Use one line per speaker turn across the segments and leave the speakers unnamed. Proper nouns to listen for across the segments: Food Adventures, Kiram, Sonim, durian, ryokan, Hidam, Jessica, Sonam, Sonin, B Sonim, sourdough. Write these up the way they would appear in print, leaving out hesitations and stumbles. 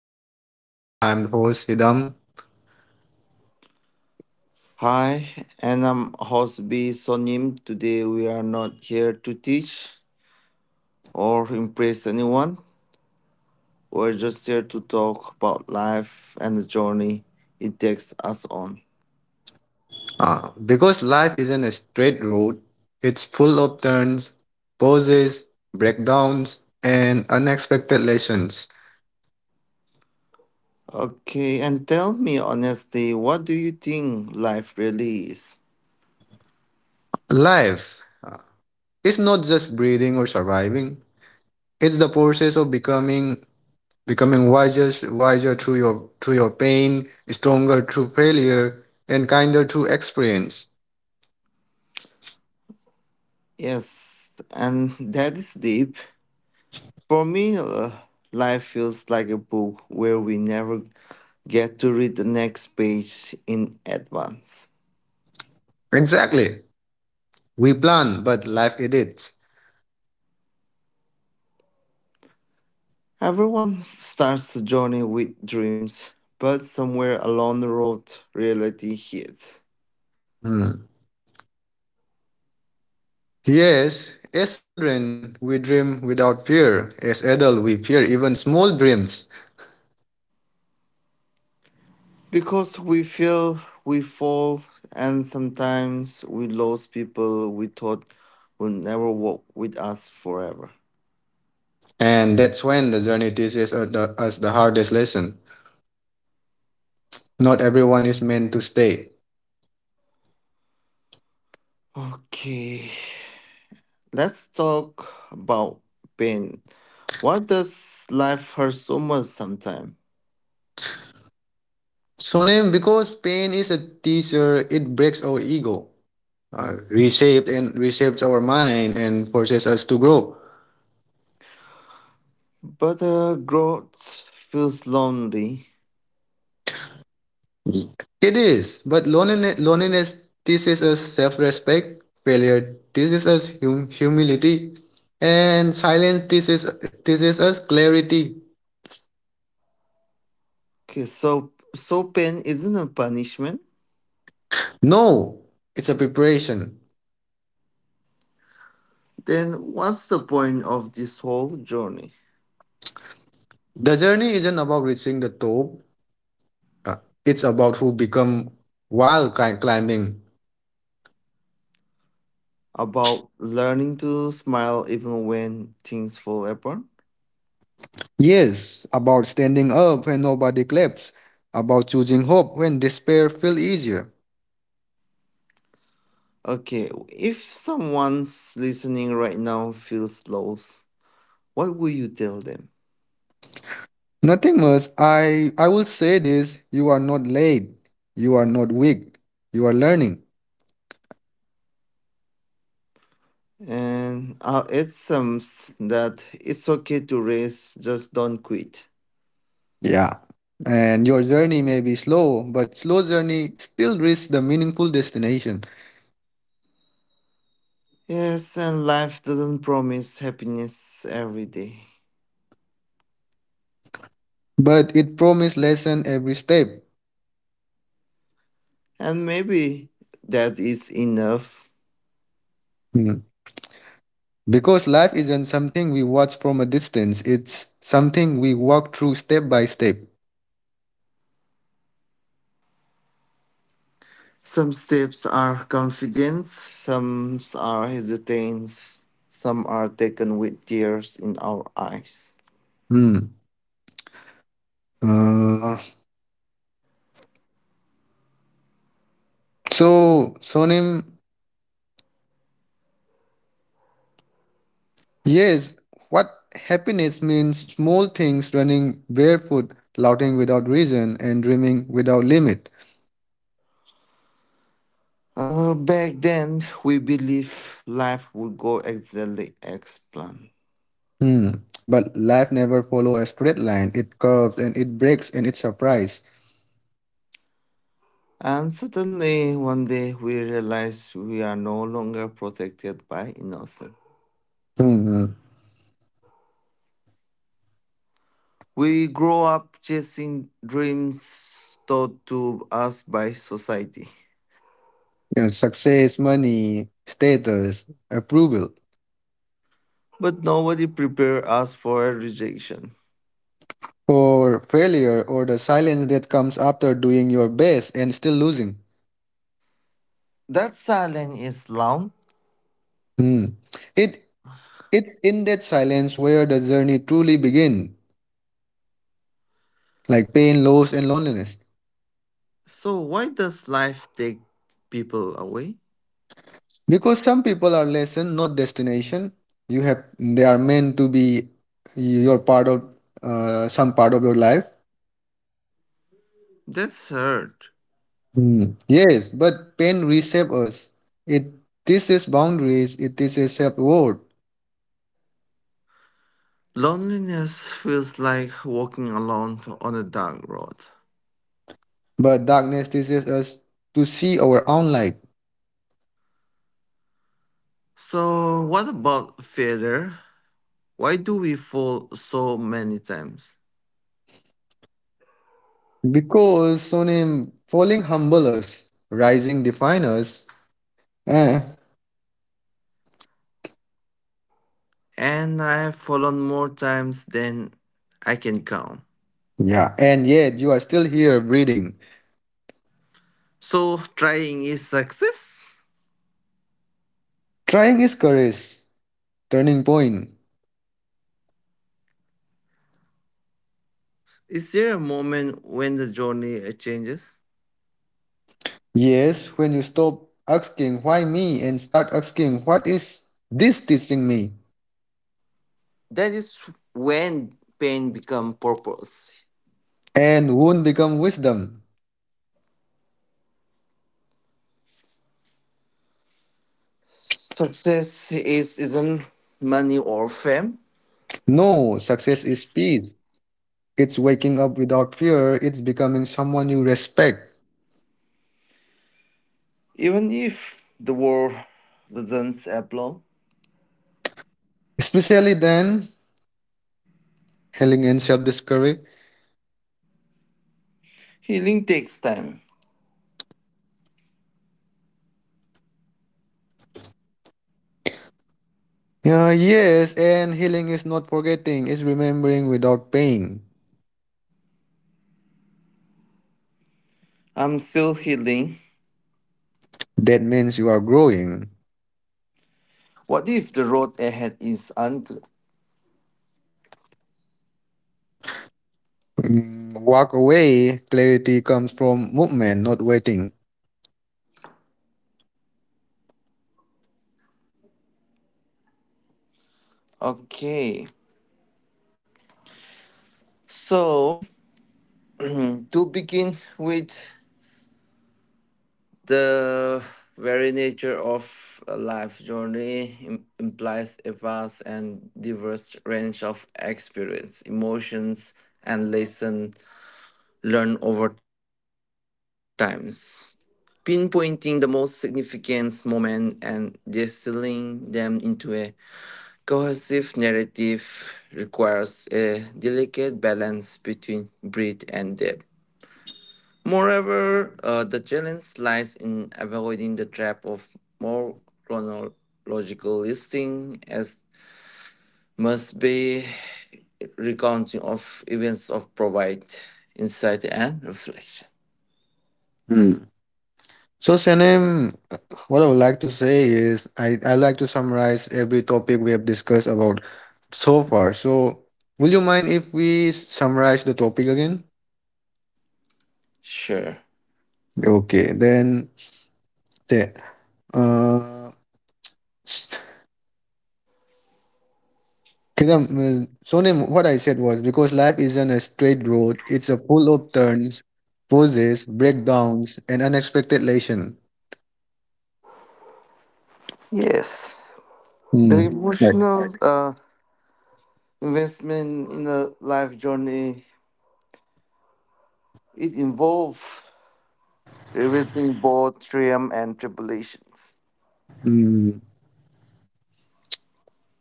our podcast. I'm host Hidam.
Hi, and I'm host B Sonim. Today we are not here to teach or impress anyone. We're just here to talk about life and the journey it takes us on.
Because life isn't a straight road, it's full of turns, pauses, breakdowns, and unexpected lessons.
Okay, and tell me honestly, what do you think life really is?
Life is not just breathing or surviving; it's the process of becoming, becoming wiser through your pain, stronger through failure, and kinder through experience.
Yes, and that is deep. For me, life feels like a book where we never get to read the next page in advance.
Exactly, we plan, but life edits.
Everyone starts the journey with dreams, but somewhere along the road, reality hits.
Hmm. Yes, as children, we dream without fear. As adults, we fear even small dreams.
Because we fail, we fall, and sometimes we lose people we thought would never walk with us forever.
And that's when the journey teaches us the hardest lesson. Not everyone is meant to stay.
Okay, let's talk about pain. Why does life hurt so much sometimes?
So, name because pain is a teacher, it breaks our ego, reshapes our mind, and forces us to grow.
But growth feels lonely.
It is, but loneliness teaches us self respect, failure teaches us humility, and teaches us clarity.
Okay, so pain isn't a punishment.
No, it's a preparation.
Then what's the point of this whole journey
The journey isn't about reaching the top, uh, it's about who become while climbing.
about learning to smile even when things fall apart?
Yes, about standing up when nobody claps, about choosing hope when despair feels easier.
Okay, if someone's listening right now feels lost, what will you tell them?
Nothing much. I will say this, you are not late. You are not weak. You are learning.
And I'll add that it's okay to race, just don't quit.
Yeah. And your journey may be slow, but slow journey still reaches the meaningful destination.
Yes, and life doesn't promise happiness every day.
But it promises lesson every step.
And maybe that is enough.
Mm. Because life isn't something we watch from a distance, it's something we walk through step by step.
Some steps are confidence, some are hesitance, some are taken with tears in our eyes.
Mm. Uh, Sonim, yes, what happiness means small things running barefoot, laughing without reason, and dreaming without limit.
Back then, we believed life would go exactly as planned.
Hmm. But life never follows a straight line. It curves and it breaks and it surprises.
And suddenly, one day, we realize we are no longer protected by innocence.
Hmm.
We grow up chasing dreams taught to us by society,
And success, money, status, approval.
but nobody prepared us for rejection.
Or failure or the silence that comes after doing your best and still losing.
That silence is long.
Hmm. It it's in that silence where the journey truly begins, like pain, loss, and loneliness.
So why does life take people away?
Because some people are lesson, not destination. You have they are meant to be your part of some part of your life.
That's hurt.
Mm. Yes, but pain reshapes us. It teaches boundaries. It teaches self worth.
Loneliness feels like walking on a dark road.
But darkness teaches us to see our own light.
So what about failure? Why do we fall so many times?
Because Sonim, falling humble us, rising define us. Eh,
And I have fallen more times than I can count.
yeah, and yet you are still here breathing.
So trying is success.
Trying is courage. Turning point.
Is there a moment when the journey changes?
Yes, when you stop asking why me and start asking what is this teaching me?
That is when pain become purpose.
And won't become wisdom.
Success is isn't money or fame.
No, success is peace. It's waking up without fear, it's becoming someone you respect.
Even if the world doesn't applaud,
Especially then, healing and self discovery.
healing takes time.
Yeah, yes, and healing is not forgetting, it's remembering without pain.
I'm still healing.
That means you are growing.
What if the road ahead is unclear?
Mm, walk away, clarity comes from movement, not waiting.
Okay, so hmm, to begin with, the very nature of a life journey implies a vast and diverse range of experience, emotions, and lessons learned over times. Pinpointing the most significant moment and distilling them into a cohesive narrative requires a delicate balance between breadth and depth. Moreover, the challenge lies in avoiding the trap of more chronological listing, as must be recounting of events of provide insight and reflection.
So, Sanem, what I would like to say is I like to summarize every topic we have discussed about so far. So, will you mind if we summarize the topic again?
Sure.
Okay, then, the uh, Kiram, Sonim, what I said was because life isn't a straight road, it's a full of turns, pauses, breakdowns, and unexpected lesson.
Yes, the
Hmm. Right.
emotional investment in the life journey it involves revisiting both triumph and tribulations.
Hmm.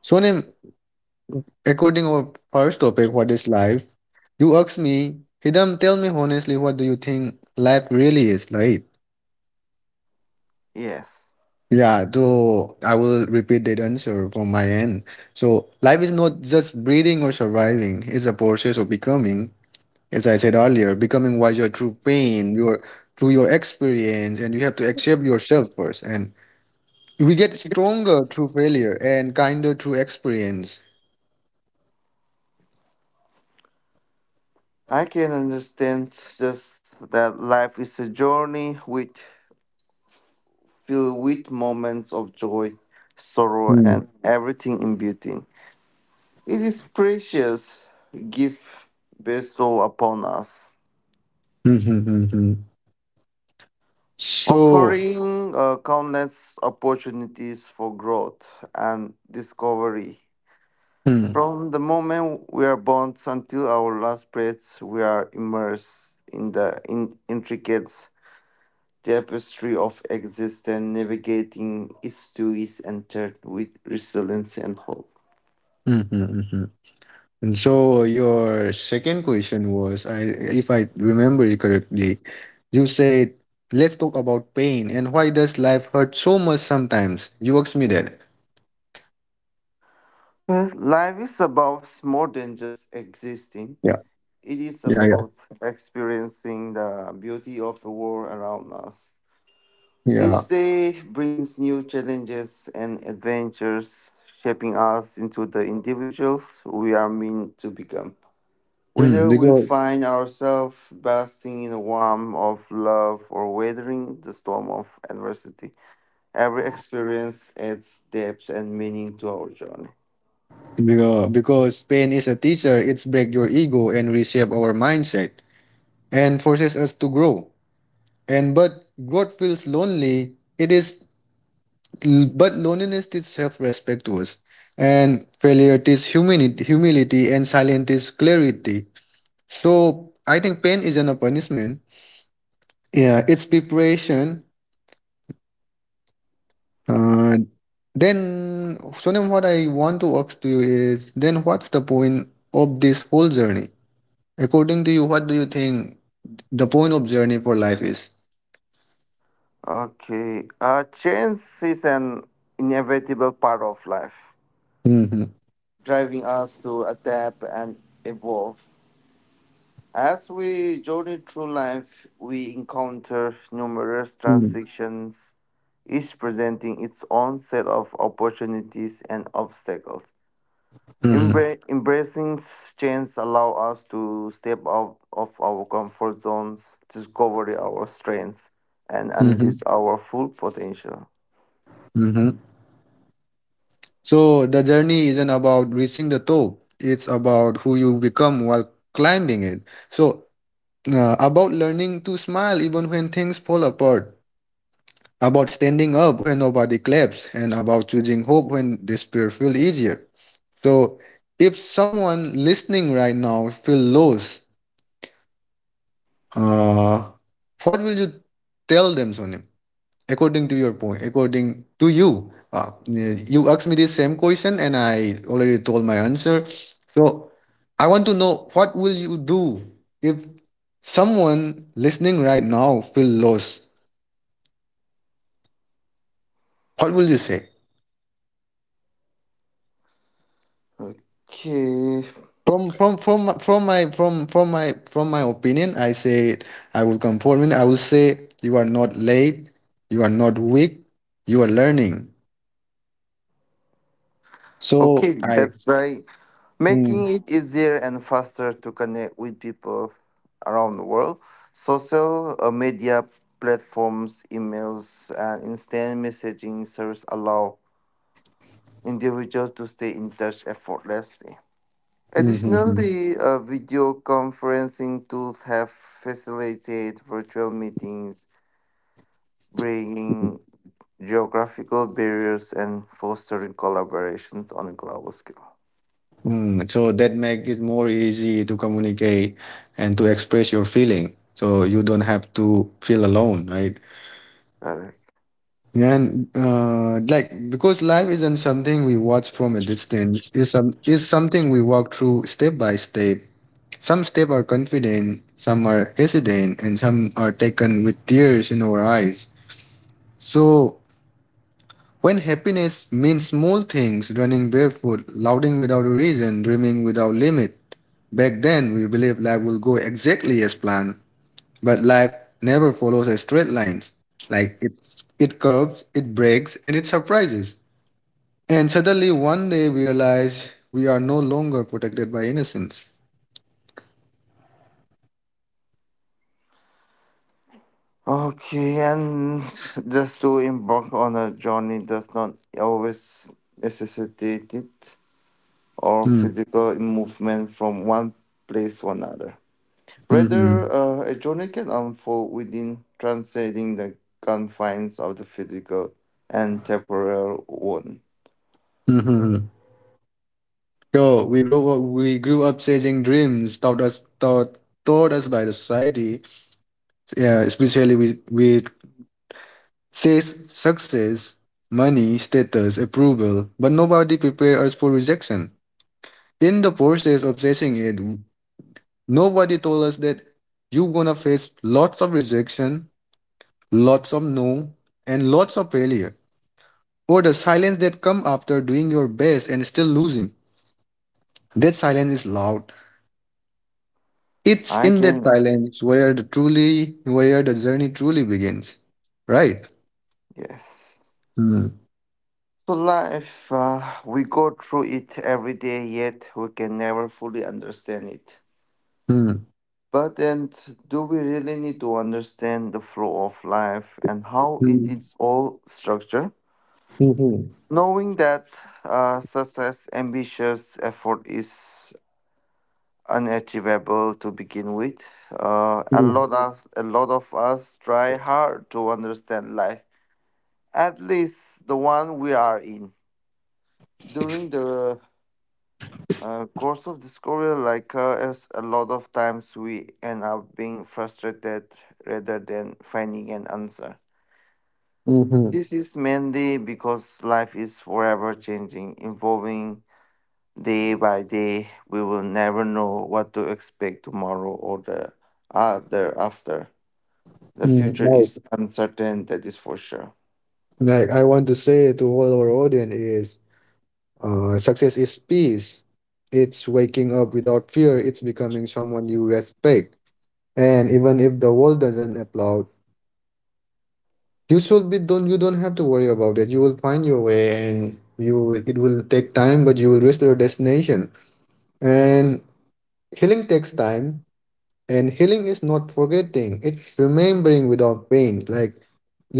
Sonim, according our first topic, what is life? You ask me, Hidam, tell me honestly, what do you think life really is like?
Yes.
Yeah, so I will repeat that answer from my end. So life is not just breathing or surviving, it's a process of becoming, as I said earlier, becoming wiser through pain, your experience, and you have to accept yourself first. And we get stronger through failure and kinder through experience.
I can understand just that life is a journey with filled with moments of joy, sorrow,
Hmm.
and everything in between. It is precious gift bestowed upon us,
Hmm, hmm, hmm, hmm. So,
offering countless opportunities for growth and discovery.
hmm,
From the moment we are born until our last breath, we are immersed in the intricate tapestry of existence, navigating its twists and turns with resilience and hope.
hmm, hmm, hmm, hmm. And so your second question was, I if I remember it correctly, you said, "Let's talk about pain and why does life hurt so much sometimes?" You asked me that.
Well, life is about more than just existing.
Yeah,
It is
yeah, yeah,
about experiencing the beauty of the world around us.
yeah.
Each day brings new challenges and adventures, shaping us into the individuals we are meant to become.
Hmm,
Whether we
because
find ourselves basking in the warmth of love or weathering the storm of adversity, every experience adds depth and meaning to our journey.
because because pain is a teacher. It's break your ego and reshape our mindset and forces us to grow. And but growth feels lonely. It is but loneliness teaches self-respect to us, and failure teaches humility, and silence is clarity. So I think pain isn't a punishment. Yeah, it's preparation. Uh, then, Sonam, what I want to ask to you is, then what's the point of this whole journey? According to you, what do you think the point of journey for life is?
Okay, change is an inevitable part of life,
Mm-hmm.
driving us to adapt and evolve. As we journey through life, we encounter numerous
Mm-hmm.
transitions, each presenting its own set of opportunities and obstacles.
Mm-hmm.
Embracing change allow us to step out of our comfort zones, discover our strengths, and
Mm-hmm.
unleash our full potential.
Mm-hmm. So the journey isn't about reaching the top, it's about who you become while climbing it. So, about learning to smile even when things fall apart, about standing up when nobody claps, and about choosing hope when despair feels easier. So, if someone listening right now feels lost, uh, what will you tell them, Sonim? According to your point, according to you, you asked me the same question and I already told my answer. So I want to know what will you do if someone listening right now feel lost? What will you say?
Okay.
From my opinion, I say I will conform it. I will say you are not late, you are not weak, you are learning. So
Okay,
I.
that's right. Making
Mm,
it easier and faster to connect with people around the world. Social media platforms, emails, and instant messaging service allow individuals to stay in touch effortlessly.
mm, mm, mm.
Additionally, video conferencing tools have facilitated virtual meetings, bringing geographical barriers and fostering collaborations on a global scale.
Mm, so that make it more easy to communicate and to express your feeling. So you don't have to feel alone, right?
Correct.
And like because life isn't something we watch from a distance. It's something we walk through step by step. Some step are confident, some are hesitant, and some are taken with tears in our eyes. So when happiness means small things, running barefoot, lauding without a reason, dreaming without limit. Back then, we believed life will go exactly as planned, but life never follows a straight line. Like it, it curves, it breaks, and it surprises. And suddenly, one day, we realize we are no longer protected by innocence.
Okay, and just to embark on a journey does not always necessitate it or
Hmm.
physical movement from one place to another.
Hmm, hmm,
Rather,
hmm.
a journey can unfold within transcending the confines of the physical and temporal one.
Hmm, hmm, hmm. So we grew up chasing dreams taught us by the society, yeah, especially with says success, money, status, approval, but nobody prepared us for rejection. In the process of chasing it, nobody told us that you're gonna face lots of rejection, lots of no, and lots of failure. Or the silence that come after doing your best and still losing. That silence is loud. It's
I
in that
can,
silence where the truly where the journey truly begins. Right?
yes.
Hmm.
So life, we go through it every day, yet we can never fully understand it.
Hmm.
But then, do we really need to understand the flow of life and how it
Hmm.
is all structured?
Hmm. Hmm.
Knowing that success, ambitious effort is unachievable to begin with. A
Hmm.
lot of us try hard to understand life, at least the one we are in. During the course of this career, like as a lot of times we end up being frustrated rather than finding an answer.
Hmm.
This is mainly because life is forever changing, evolving day by day. We will never know what to expect tomorrow or the other after. The
Mm,
future is uncertain, that is for sure.
like I want to say to all our audience is success is peace. It's waking up without fear, it's becoming someone you respect. And even if the world doesn't applaud, you should be don't you don't have to worry about it. You will find your way and you will- it will take time, but you will reach your destination. And healing takes time, and healing is not forgetting, it's remembering without pain. Like,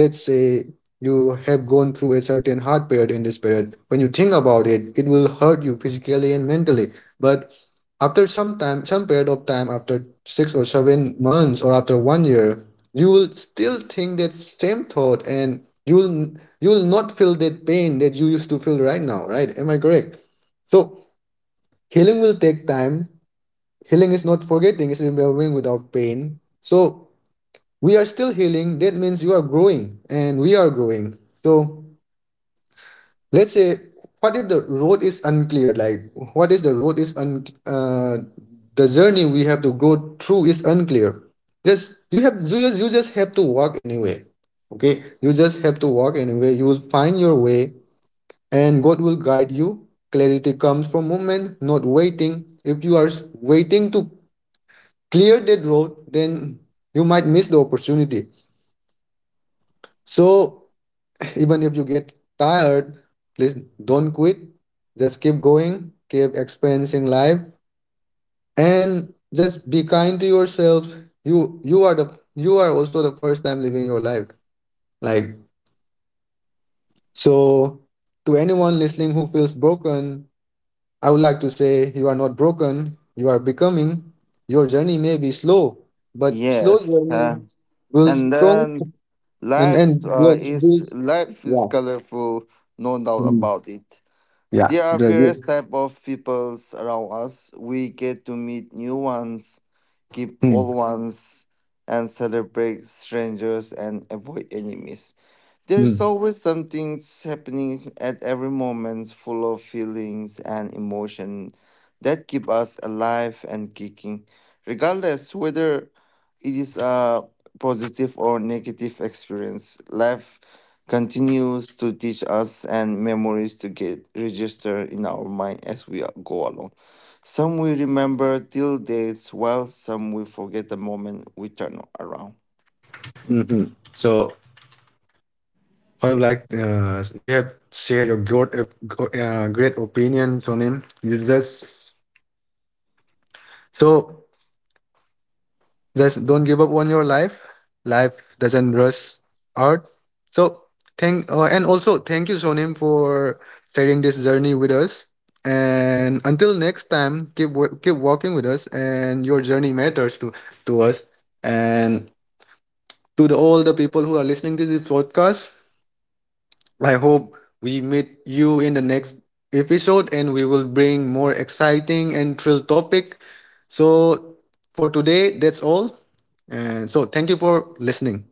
let's say you have gone through a certain hard period in this period. When you think about it, it will hurt you physically and mentally. But after some time, some period of time, after 6 or 7 months or after 1 year, you will still think that same thought and you will not feel that pain that you used to feel right now, right? Am I correct? So healing will take time. Healing is not forgetting, it's remembering without pain. So we are still healing. That means you are growing and we are growing. So let's say, what if the road is unclear? Like, what is the road is un the journey we have to go through is unclear. Just you have you just have to walk anyway. Okay, you just have to walk anyway. You will find your way, and God will guide you. Clarity comes from movement, not waiting. If you are waiting to clear that road, then you might miss the opportunity. So even if you get tired, please don't quit. Just keep going, keep experiencing life, and just be kind to yourself. You are also the first time living your life. Like so to anyone listening who feels broken, I would like to say you are not broken, you are becoming. Your journey may be slow, but slow
Yes,
journey builds
and
strong.
then
And let's build.
life is
Yeah.
colorful, no doubt
Mm.
about it.
Yeah.
There are
The,
various type of peoples around us. We get to meet new ones, keep
mm,
old ones, and celebrate strangers and avoid enemies. There's
mm,
always something happening at every moment, full of feelings and emotion that keep us alive and kicking, regardless whether it is a positive or negative experience. Life continues to teach us and memories to get registered in our mind as we go along. Some we remember till dates, while some we forget the moment we turn around.
mhm. So I would like you have shared your great opinion, Sonin. You just so just don't give up on your life. Life doesn't rush out. So thank and also thank you, Sonim, for sharing this journey with us. And until next time, keep keep walking with us, and your journey matters to us. And to the, all the people who are listening to this podcast. I hope we meet you in the next episode and we will bring more exciting and thrill topic. So for today, that's all. And so thank you for listening.